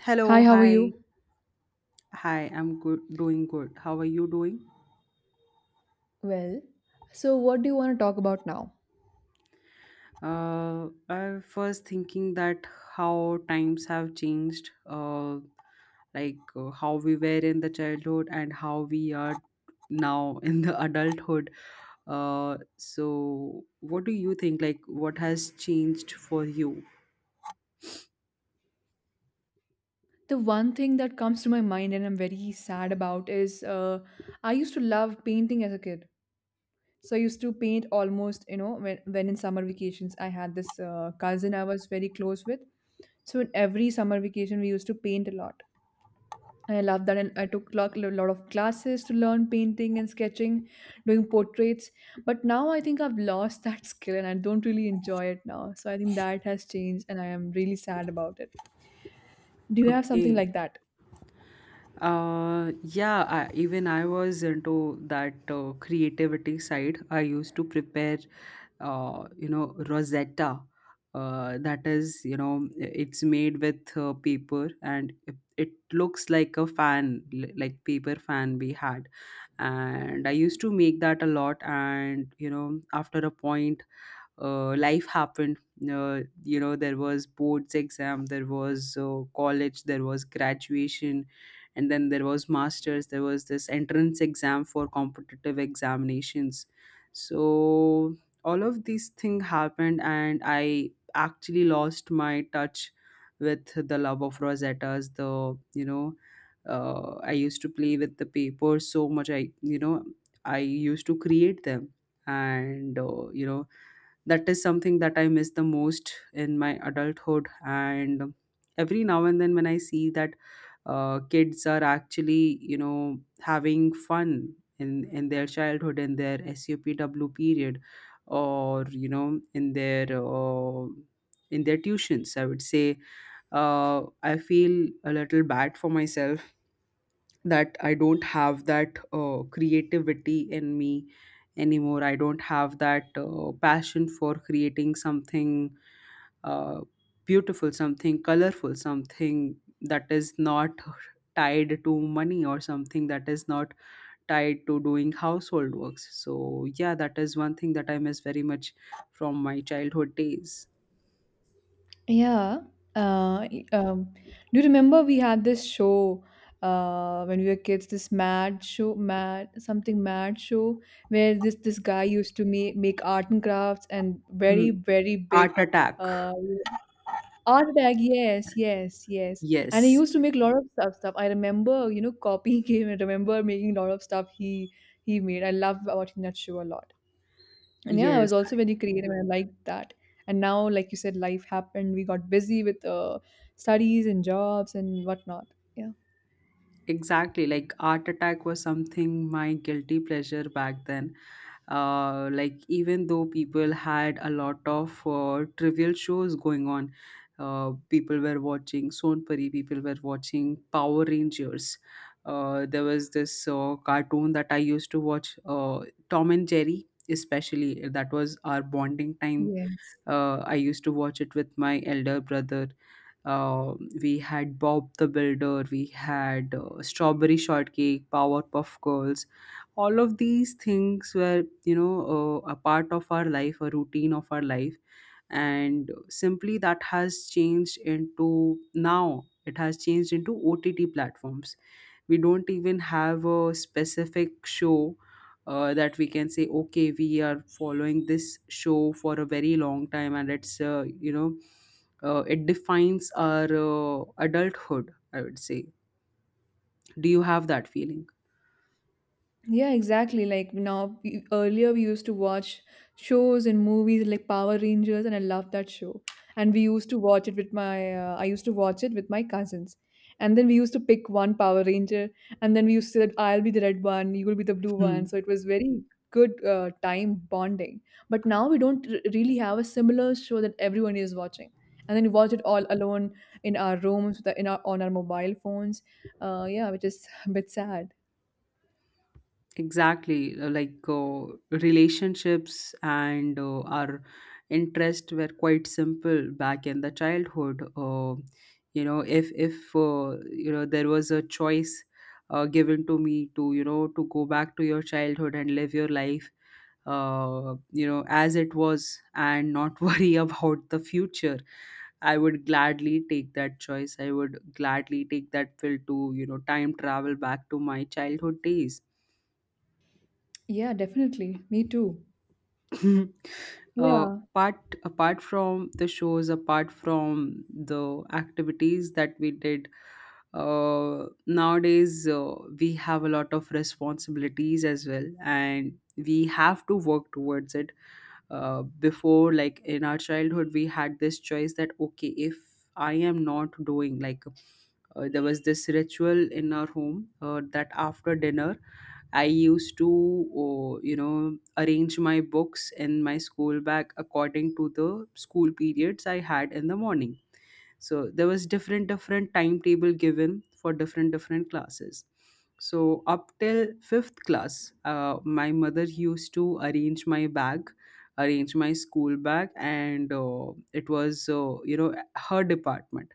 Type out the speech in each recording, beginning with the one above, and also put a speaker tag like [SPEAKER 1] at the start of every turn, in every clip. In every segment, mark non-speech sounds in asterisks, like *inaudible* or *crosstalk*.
[SPEAKER 1] Hello,
[SPEAKER 2] Hi, how are
[SPEAKER 1] hi.
[SPEAKER 2] you?
[SPEAKER 1] Hi, I'm good, doing good. How are you doing?
[SPEAKER 2] Well, so what do you want to talk about now?
[SPEAKER 1] Uh, I was thinking that how times have changed, like how we were in the childhood and how we are now in the *laughs* adulthood. So what do you think? Like, what has changed for you?
[SPEAKER 2] The one thing that comes to my mind and I'm very sad about is I used to love painting as a kid. So I used to paint almost, you know, when in summer vacations, I had this cousin I was very close with. So in every summer vacation, we used to paint a lot. And I love that. And I took a lot of classes to learn painting and sketching, doing portraits. But now I think I've lost that *laughs* skill and I don't really enjoy it now. So I think that has changed and I am really sad about it. Do you have something
[SPEAKER 1] Okay.
[SPEAKER 2] like that?
[SPEAKER 1] Yeah, even I was into that creativity side. I used to prepare, Rosetta. That is, it's made with paper, and it looks like a fan, like paper fan we had. And I used to make that a lot. And, after a point, life happened. There was boards exam, there was college, there was graduation, and then there was masters. There was this entrance exam for competitive examinations. So all of these things happened, and I actually lost my touch with the love of rosettas. The you know. I used to play with the paper so much. I used to create them, and that is something that I miss the most in my adulthood, and every now and then when I see that kids are actually having fun in their childhood, in their SUPW period, or in their tuitions, I would say. I feel a little bad for myself that I don't have that creativity in me anymore. I don't have that passion for creating something uh, beautiful, something colorful, something that is not tied to money, or something that is not tied to doing household works. So, yeah, that is one thing that I miss very much from my childhood days.
[SPEAKER 2] Yeah. Uh, y- um, do you remember we had this show when we were kids, this mad show, mad something mad show, where this guy used to make art and crafts and
[SPEAKER 1] Hmm.
[SPEAKER 2] very big
[SPEAKER 1] Art Attack.
[SPEAKER 2] uh, Art bag, yes, yes, yes. And he
[SPEAKER 1] Yes.
[SPEAKER 2] used to make a lot of stuff. I remember, you know, copying *laughs* him. I remember making a lot of stuff he made. I love watching that show a lot. And yeah, I
[SPEAKER 1] Yes.
[SPEAKER 2] was also very creative and I liked that. And now, like you said, life happened. We got busy with studies and jobs and whatnot. Yeah.
[SPEAKER 1] Exactly, like Art Attack was something my guilty pleasure back then. Like, even though people had a lot of trivial shows going on, people were watching Sonpari, people were watching Power Rangers. There was this cartoon that I used to watch, Tom and Jerry, especially. That was our bonding time.
[SPEAKER 2] Yes.
[SPEAKER 1] I used to watch it with my elder brother. uh, we had Bob the Builder, we had Strawberry Shortcake, Powerpuff Girls. All of these things were, a part of our life, a routine of our life, and simply that has changed into, now it has changed into OTT platforms. We don't even have a specific show that we can say, okay, we are following this show for a very long time, and it defines our adulthood, I would say. Do you have that feeling?
[SPEAKER 2] Yeah, exactly. Like now, earlier we used to watch shows and movies like Power Rangers, and I loved that show. And we used to watch it with I used to watch it with my cousins. And then we used to pick one Power Ranger, and then we used to say that I'll be the red one, you will be the blue one.
[SPEAKER 1] Hmm.
[SPEAKER 2] So it was very good time bonding. But now we don't really have a similar show that everyone is watching. And then we watch it all alone in our rooms, with our- in our on our mobile phones. Yeah, which is *laughs* a bit sad.
[SPEAKER 1] Exactly, like relationships and our interest were quite simple back in the childhood. If there was a choice given to me to go back to your childhood and live your life, as it was, and not *laughs* worry about the future, I would gladly take that choice. I would gladly take that pill to, time travel back to my childhood days.
[SPEAKER 2] Yeah, definitely. Me too.
[SPEAKER 1] *laughs* uh,
[SPEAKER 2] Yeah.
[SPEAKER 1] apart apart from the shows, apart from the activities that we did, nowadays we have a lot of responsibilities as well, and we have to work towards it. Before, like in our childhood, we had this choice that okay, if I am not doing, like, there was this ritual in our home, that after dinner I used to, oh, arrange my books in my school bag according to the school periods I had in the morning. So there was different different timetable given for different different classes. So up till fifth class, my mother used to arrange my bag, arrange my school bag, and it was, her department.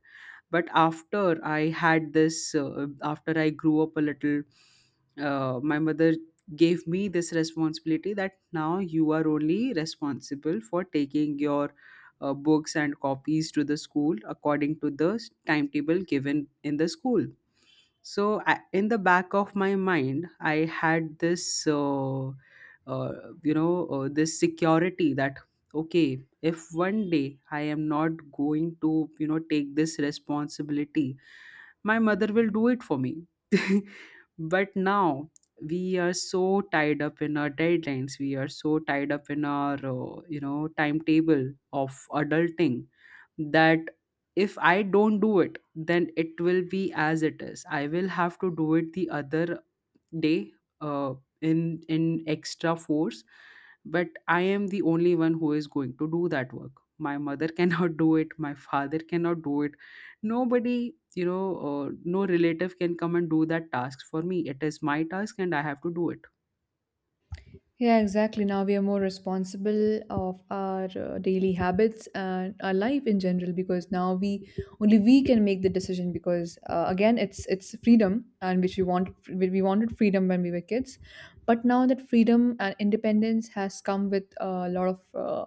[SPEAKER 1] But after I grew up a little, my mother gave me this responsibility that now you are only responsible for taking your books and copies to the school according to the timetable given in the school. So I, in the back of my mind, I had this uh, this security that okay, if one day I am not going to, take this responsibility, my mother will do it for me. *laughs* But now we are so tied up in our deadlines, we are so tied up in our, timetable of adulting, that if I don't do it, then it will be as it is. I will have to do it the other day, uh, in extra force, but I am the only one who is going to do that work. My mother cannot *laughs* do it, my father cannot do it, nobody you know no relative can come and do that task for me. It is my task, and I have to do it.
[SPEAKER 2] Yeah, exactly. Now we are more responsible of our daily habits and our life in general because now we only we can make the decision because again it's freedom and which we want we wanted freedom when we were kids, but now that freedom and independence has come with a lot of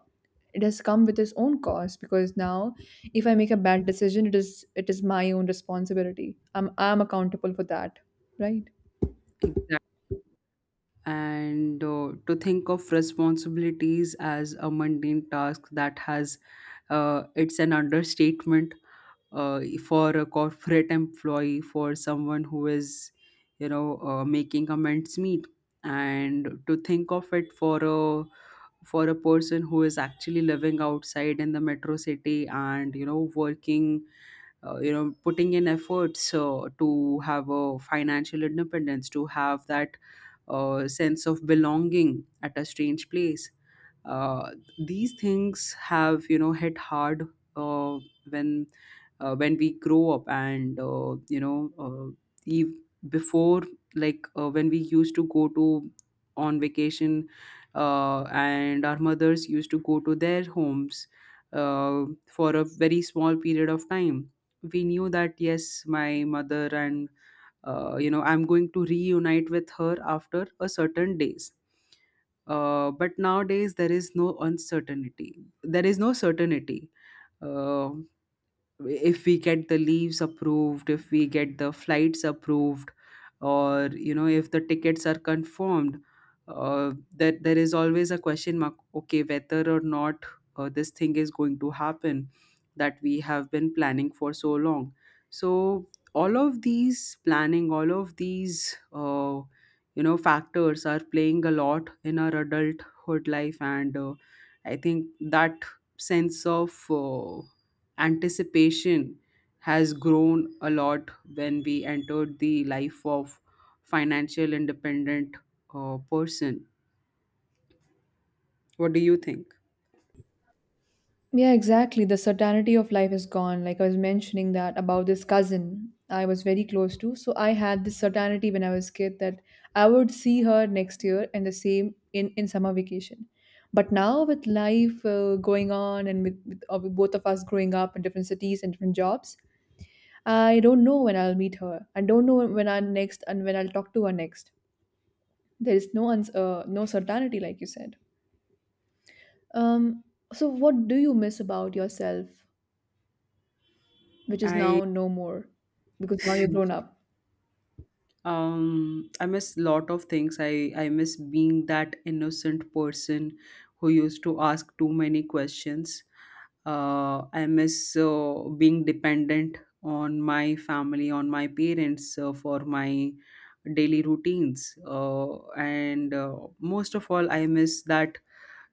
[SPEAKER 2] it has come with its own cost because now if I make a bad decision, it is my own responsibility. I'm accountable for that, right?
[SPEAKER 1] Exactly. And to think of responsibilities as a mundane task, that has it's an understatement, uh, for a corporate employee, for someone who is, making amends meet. And to think of it for a, for a person who is actually living outside in the metro city, and working, putting in efforts to have a financial independence, to have that sense of belonging at a strange place. uh, these things have, hit hard uh, when when we grow up. And ev- before, when we used to go to on vacation, and our mothers used to go to their homes for a very small period of time, we knew that yes, my mother and, I'm going to reunite with her after a certain days. But nowadays there is no uncertainty, there is no certainty. Uh, if we get the leaves approved, if we get the flights approved, or if the tickets are confirmed, that there is always a question mark, okay, whether or not this thing is going to happen that we have been planning for so long. So all of these planning, all of these factors are playing a lot in our adulthood life. And I think that sense of anticipation has grown a lot when we entered the life of financial independent person. What do you think?
[SPEAKER 2] Yeah, exactly. The certainty of life is gone. Like I was mentioning that about this cousin I was very close to. So I had this certainty when I was kid that I would see her next year and the same in summer vacation. But now with life going on and with both of us growing up in different cities and different jobs, I don't know when I'll meet her. I don't know when I'll next and when I'll talk to her next. There is no certainty, like you said. Um, so what do you miss about yourself, which is
[SPEAKER 1] I
[SPEAKER 2] now no more, because now you're grown
[SPEAKER 1] *laughs*
[SPEAKER 2] up?
[SPEAKER 1] I miss lot of things, I miss being that innocent person who used to ask too many questions. I miss being dependent on my family, on my parents, for my daily routines, and most of all I miss that,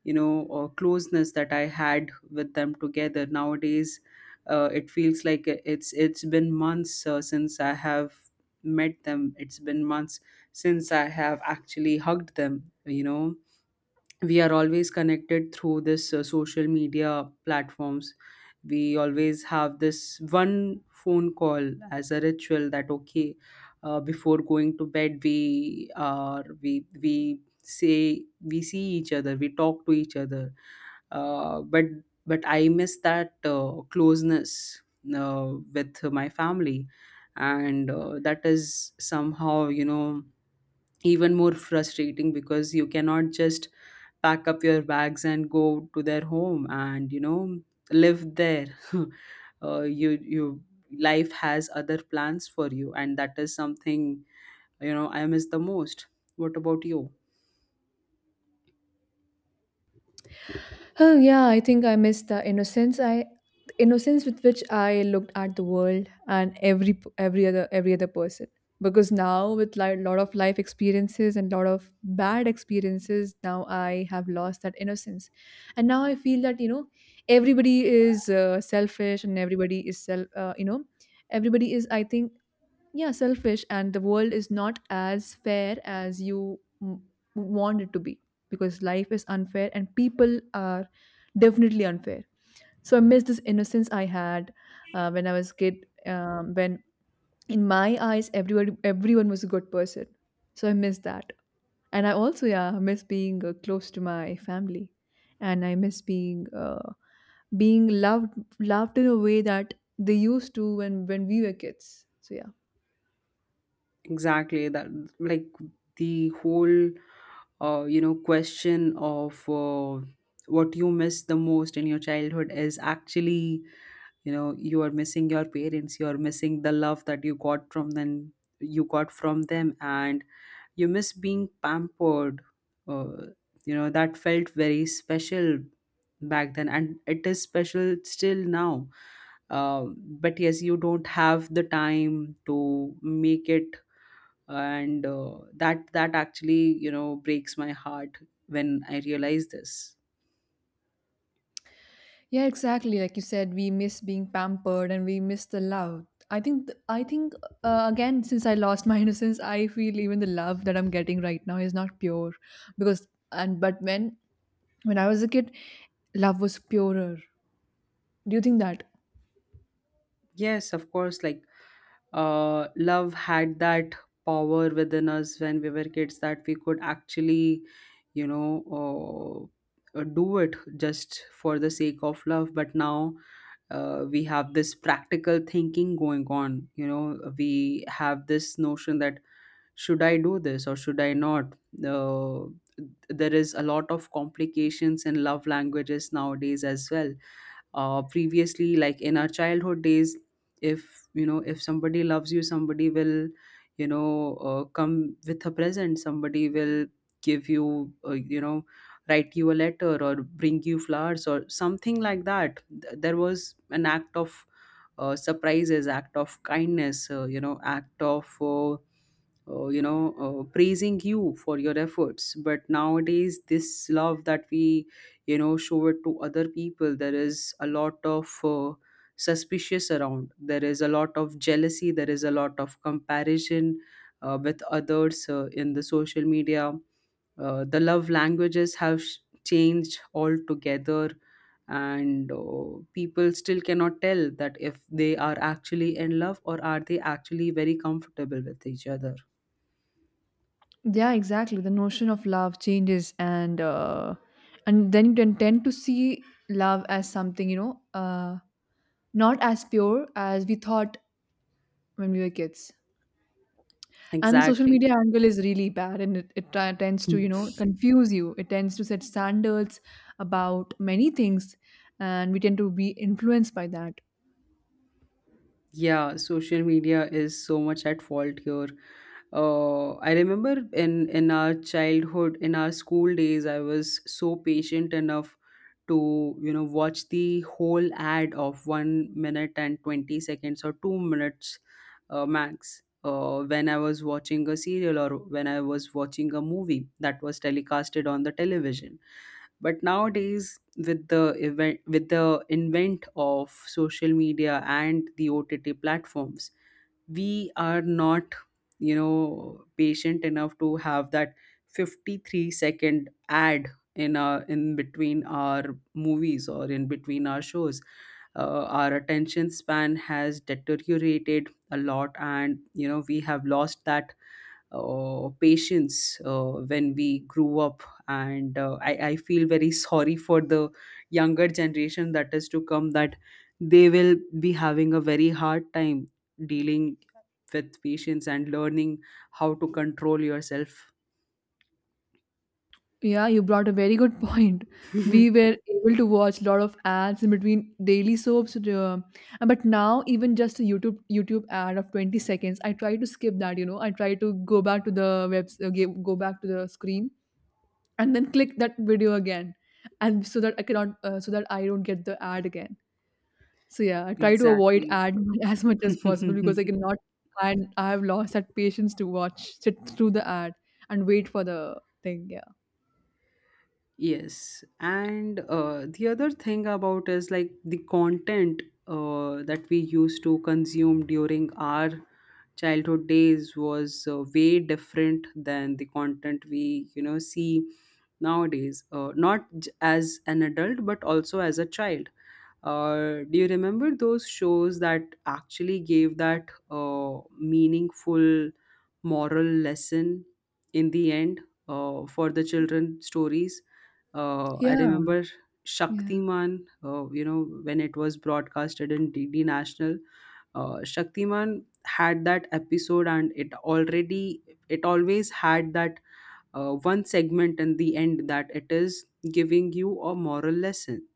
[SPEAKER 1] closeness that I had with them. Together nowadays, it feels like it's been months since I have met them. It's been months since I have actually hugged them. We are always connected through this social media platforms. We always have this one phone call as a ritual, that okay, before going to bed, we say, we see each other, we talk to each other. Uh, but but I miss that closeness with my family, and that is somehow, even more frustrating, because you cannot just pack up your bags and go to their home and, live there. *laughs* You you Life has other plans for you, and that is something, I miss the most. What about you?
[SPEAKER 2] Oh yeah, I think I missed the innocence. I The innocence with which I looked at the world and every other person. Because now with a lot of life experiences and lot of bad experiences, now I have lost that innocence, and now I feel that, you know, everybody is selfish and everybody is self you know everybody is, I think, yeah, selfish, and the world is not as fair as you want it to be, because life is unfair and people are definitely unfair. So I miss this innocence I had when I was a kid, when in my eyes everyone was a good person. So I miss that. And I also, yeah, miss being close to my family, and I miss being being loved in a way that they used to when we were kids. So yeah.
[SPEAKER 1] Exactly that. Like, the whole question of what you miss the most in your childhood is actually, you are missing your parents, you are missing the love that you got from them, and you miss being pampered. uh, that felt very special back then, and it is special still now. Um but yes, you don't have the time to make it. And that actually, breaks my heart when I realize this.
[SPEAKER 2] Yeah, exactly. Like you said, we miss being pampered and we miss the love. I think again, since I lost my *laughs* innocence, I feel even the love that I'm getting right now is not pure. Because and but when I was a kid, love was purer. Do you think that?
[SPEAKER 1] Yes, of course. Like, love had that power within us when we were kids, that we could actually you know do it just for the sake of love. But now we have this practical thinking going on. We have this notion that, should I do this or should I not? uh, there is a lot of complications in love languages nowadays as well. Previously, like in our childhood days, if somebody loves you, somebody will, come with a present, somebody will give you you know write you a letter, or bring you flowers, or something like that. There was an act of, surprises, act of kindness, act of, praising you for your efforts, but Nowadays, this love that we, you know, show it to other people, there is a lot of suspicious around. There is a lot of jealousy, there is a lot of comparison with others in the social media. The love languages have changed altogether. And people still cannot tell that if they are actually in love or are they actually very comfortable with each other.
[SPEAKER 2] Yeah, exactly. The notion of love changes, and then you can tend to see love as something, you know, not as pure as we thought when we were kids. And social
[SPEAKER 1] Exactly.
[SPEAKER 2] media angle is really bad, and it tends to, you
[SPEAKER 1] *laughs*
[SPEAKER 2] know, confuse you. It tends to set standards about many things, and we tend to be influenced by that.
[SPEAKER 1] Yeah, social media is so much at fault here. I remember in our childhood, in our school days, I was so patient enough to, you know, watch the whole ad of 1 minute and 20 seconds or 2 minutes max. When I was watching a serial or when I was watching a movie that was telecasted on the television, but nowadays with the event with the invent of social media and the ott platforms, we are not, you know, patient enough to have that 53-second ad in our in between our movies or in between our shows. Our attention span has deteriorated a lot, and you know we have lost that patience when we grew up. And I feel very *laughs* sorry for the younger generation that is to come, that they will be having a very hard time dealing with patients and learning how to control yourself.
[SPEAKER 2] Yeah, you brought a very good *laughs* point. We
[SPEAKER 1] *laughs*
[SPEAKER 2] were able to watch a lot of ads in between daily soaps, but now even just a YouTube ad of 20 seconds, I try to skip that. You know, I try to go back to the web, go back to the screen, and then click that video again, and so that I cannot, so that I don't get the ad again. So yeah, I try to avoid
[SPEAKER 1] Exactly.
[SPEAKER 2] ad *laughs* as much as possible, because I
[SPEAKER 1] *laughs*
[SPEAKER 2] cannot, and I have lost that patience to watch sit through the ad and wait for the thing. Yeah.
[SPEAKER 1] Yes, and the other thing about is like the content that we used to consume during our childhood days was way different than the content we, you know, see nowadays. Not as an adult, but also as a child. Do you remember those shows that actually gave that meaningful moral lesson in the end for the children stories? I
[SPEAKER 2] Yeah.
[SPEAKER 1] remember
[SPEAKER 2] Yeah.
[SPEAKER 1] Shaktiman, you know, when it was broadcasted in DD National, Shaktiman had that episode and it always had that one segment in the end that it is giving you a moral lesson.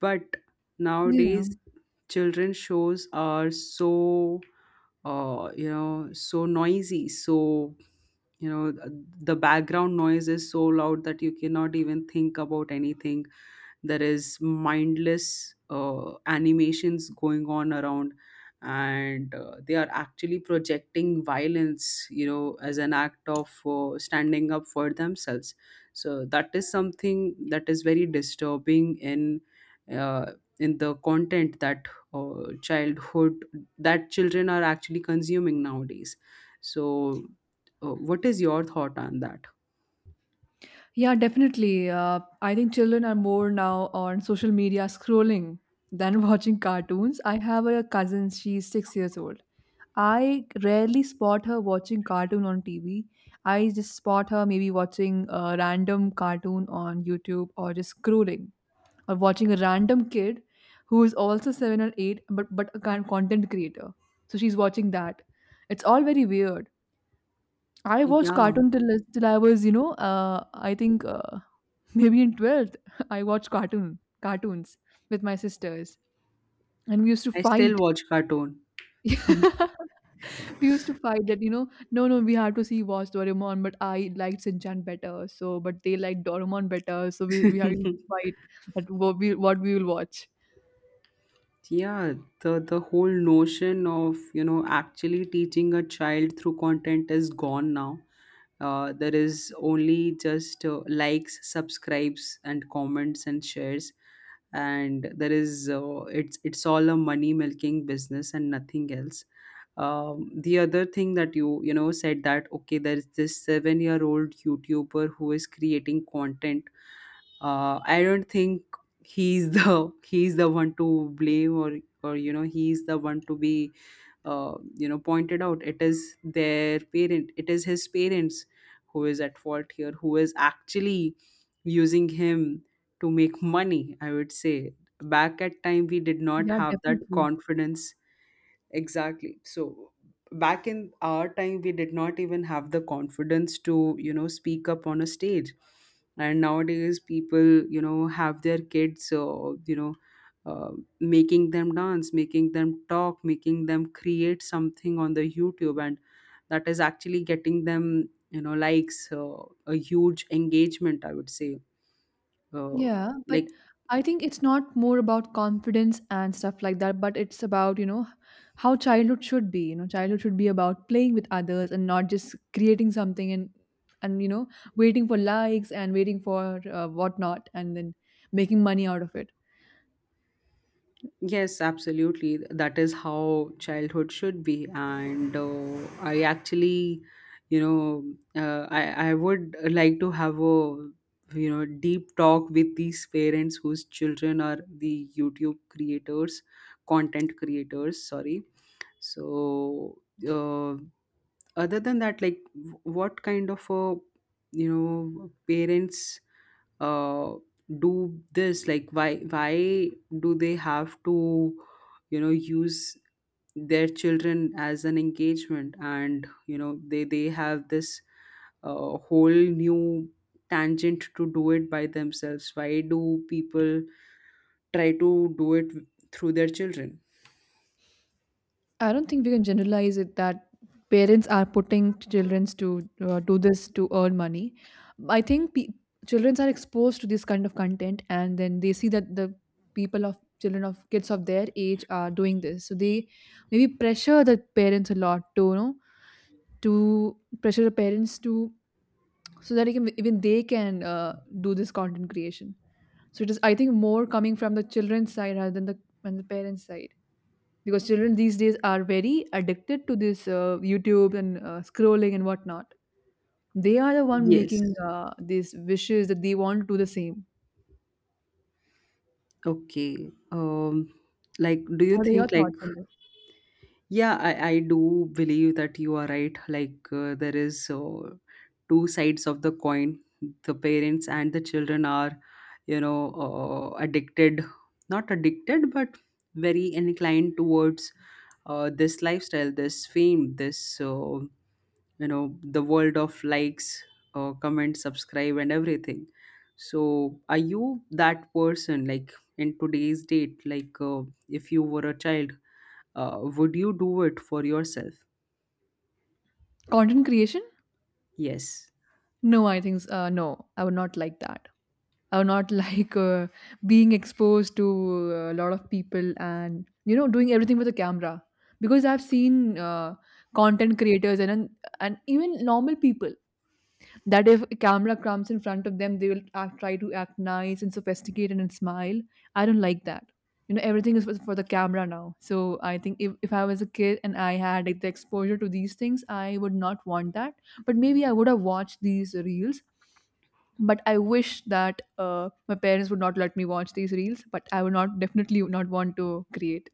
[SPEAKER 1] But nowadays,
[SPEAKER 2] Yeah.
[SPEAKER 1] children shows are so you know so noisy, so you know the background noise is so loud that you cannot even think about anything. There is mindless animations going on around, and they are actually projecting violence, you know, as an act of standing up for themselves. So that is something that is very disturbing uh, in the content that childhood that children are actually consuming nowadays. So what is your thought on that?
[SPEAKER 2] Yeah, definitely. I think children are more now on social media scrolling than *laughs* watching cartoons. I have a cousin, she's 6 years old. I rarely spot her watching cartoon on TV. I just spot her maybe watching a random cartoon on YouTube or just scrolling or watching a random kid who is also 7 or 8, but a kind of content creator, so she's watching that. It's all very weird. I watched
[SPEAKER 1] Yeah,
[SPEAKER 2] cartoon till I was, you know, I think *laughs* maybe in 12th *laughs* I watched cartoons with my sisters, and we used to
[SPEAKER 1] I still
[SPEAKER 2] fight.
[SPEAKER 1] watch cartoon.
[SPEAKER 2] *laughs* We used to fight that, you know, no no we had to see watch Doraemon, but I liked Shinchan better, so but they liked Doraemon better, so we have to
[SPEAKER 1] *laughs*
[SPEAKER 2] fight that what we will watch.
[SPEAKER 1] Yeah, the whole notion of, you know, actually teaching a child through content is gone now. There is only just likes, subscribes, and comments, and shares, and there is it's all a money milking business and nothing else. The other thing that you know, said that okay, there's this 7 year old youtuber who is creating content. I don't think he's the *laughs* he's the one to blame, or you know he's the one to be you know pointed out. It is their parent. It is his parents who is at fault here. Who is actually using him to make money? I would say, back at time we did not
[SPEAKER 2] Yeah,
[SPEAKER 1] have that
[SPEAKER 2] definitely.
[SPEAKER 1] confidence. Exactly. So back in our time, we did not even have the confidence to, you know, speak up on a stage. And nowadays, people, you know, have their kids, you know, uh, making them dance, making them talk, making them create something on the YouTube, and that is actually getting them, you know, likes, a huge engagement. I would say, uh,
[SPEAKER 2] Yeah, but
[SPEAKER 1] like
[SPEAKER 2] I think it's not more about confidence and stuff like that, but it's about, you know, how childhood should be. You know, childhood should be about playing with others and not just creating something and, you know, waiting for likes and waiting for whatnot and then making money out of it.
[SPEAKER 1] Yes, absolutely. That is how childhood should be. And I actually, you know, I would like to have a, you know, deep talk with these parents whose children are the YouTube creators, content creators, sorry. So, uh, other than that, like, what kind of a, you know, parents uh, do this, like why do they have to, you know, use their children as an engagement, and you know they have this whole new tangent to do it by themselves. Why do people try to do it through their children?
[SPEAKER 2] I don't think we can generalize it that parents are putting children to do this to earn money. I think children are exposed to this kind of content, and then they see that the people of children of kids of their age are doing this, so they maybe pressure the parents a lot to, you know, to pressure the parents to, so that even they can do this content creation. So it is, I think, more coming from the children's side rather than the parents' side, because children these days are very addicted to this YouTube and scrolling and whatnot. They are the one
[SPEAKER 1] Yes.
[SPEAKER 2] making these wishes that they want to do the same.
[SPEAKER 1] Okay. Like, do you
[SPEAKER 2] What are your
[SPEAKER 1] think like
[SPEAKER 2] thoughts on this?
[SPEAKER 1] Yeah, I do believe that you are right. Like, there is two sides of the coin. The parents and the children are, you know, not addicted, but very inclined towards this lifestyle, this fame, this, you know, the world of likes, comment, subscribe, and everything. So, are you that person, like, in today's date, like, if you were a child? Would you do it for yourself?
[SPEAKER 2] Content creation?
[SPEAKER 1] Yes.
[SPEAKER 2] No, I think, no, I would not like that. I would not *laughs* like being exposed to a lot of people and, you know, doing everything with a camera, because I've seen uh, content creators and even normal people, that if a camera comes in front of them, they will act, try to act nice and sophisticated and smile. I don't like that. You know, everything is for the camera now. So I think if I was a kid and I had like the exposure to these things, I would not want that. But maybe I would have watched these reels. But I wish that my parents would not let me watch these reels. But I would not definitely not want to create.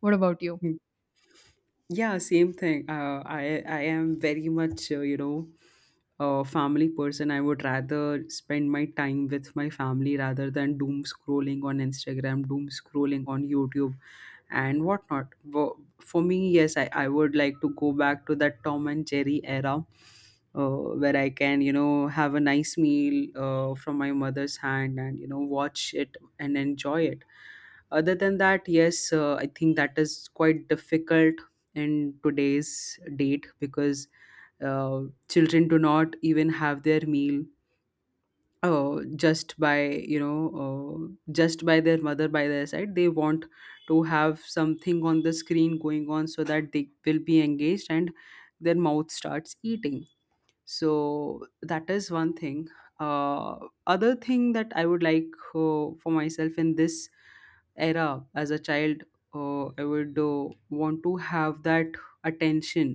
[SPEAKER 2] What about you?
[SPEAKER 1] *laughs* Yeah, same thing. I am very much you know a family person. I would rather spend my time with my family rather than doom scrolling on Instagram, doom scrolling on YouTube, and whatnot. For me, yes, I would like to go back to that Tom and Jerry era. Where I can, you know, have a nice meal from my mother's hand and, you know, watch it and enjoy it. Other than that, yes, I think that is quite difficult in today's date because uh, children do not even have their meal just by you know just by their mother by their side. They want to have something on the screen going on so that they will be engaged and their mouth starts eating. So that is one thing. uh, Other thing that I would like for myself in this era as a child, I would want to have that attention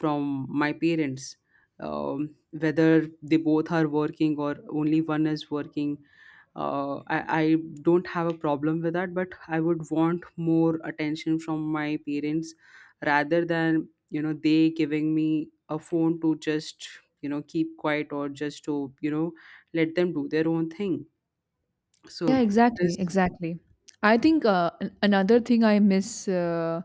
[SPEAKER 1] from my parents, whether they both are working or only one is working. I don't have a problem with that, but I would want more attention from my parents rather than, you know, they giving me a phone to just, you know, keep quiet, or just to, you know, let them do their own thing.
[SPEAKER 2] Yeah,
[SPEAKER 1] So
[SPEAKER 2] exactly,
[SPEAKER 1] this
[SPEAKER 2] exactly. I think another thing I miss uh,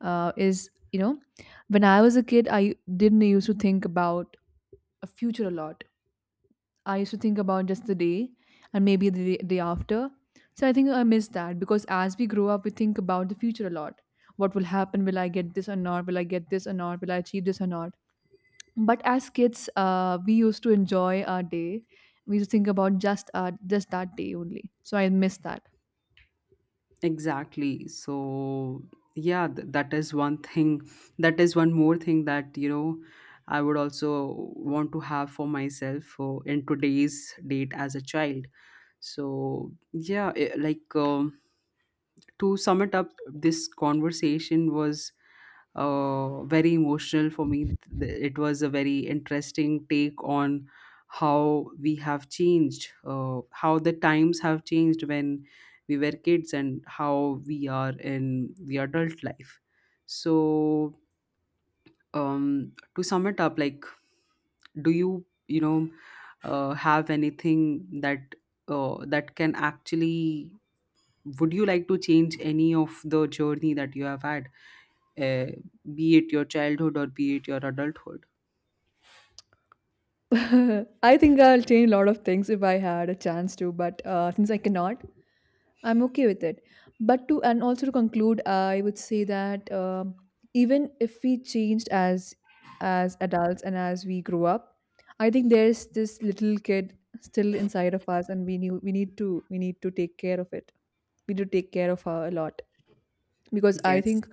[SPEAKER 2] uh, is, you know, when I was a kid, I didn't used to think about a future a lot. I used to think about just the day and maybe the day, day after. So I think I miss that, because as we grow up, we think about the future a lot. What will happen? Will I get this or not? Will I get this or not? Will I achieve this or not? But as kids, we used to enjoy our day. We used to think about just that day only. So I miss that.
[SPEAKER 1] exactly. So yeah, that is one thing, that is one more thing that, you know, I would also want to have for myself for in today's date as a child. So yeah, like to sum it up, this conversation was very emotional for me. It was a very interesting take on how we have changed, how the times have changed when we were kids, and how we are in the adult life. So, to sum it up, like, do you, you know, have anything that that can actually would you like to change any of the journey that you have had, uh, be it your childhood or be it your adulthood?
[SPEAKER 2] *laughs* I think I'll change a lot of things if I had a chance to, but since I cannot, I'm okay with it. But to and also to conclude, I would say that, um, even if we changed as adults and as we grow up, I think there's this little kid still inside of us, and we need to take care of it. We need to take care of her a lot, because I
[SPEAKER 1] Yes.
[SPEAKER 2] think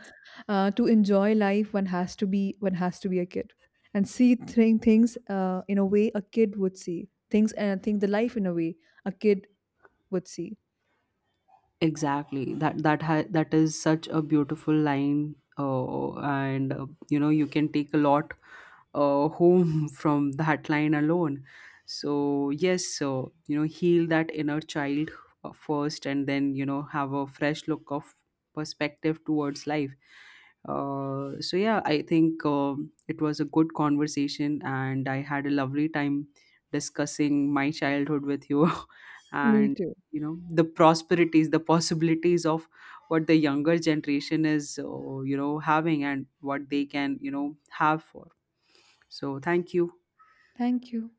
[SPEAKER 2] to enjoy life one has to be a kid and see things in a way a kid would see things and think the life in a way a kid would see.
[SPEAKER 1] Exactly, that is such a beautiful line, and you know you can take a lot home *laughs* from that line alone. So yes, so you know heal that inner child first, and then you know have a fresh look of perspective towards life. So yeah, I think it was a good conversation and I had a lovely time discussing my childhood with you *laughs*
[SPEAKER 2] Me
[SPEAKER 1] and
[SPEAKER 2] too.
[SPEAKER 1] you know the prosperities, the possibilities of what the younger generation is, you know, having, and what they can, you know, have for. So thank you.
[SPEAKER 2] Thank you.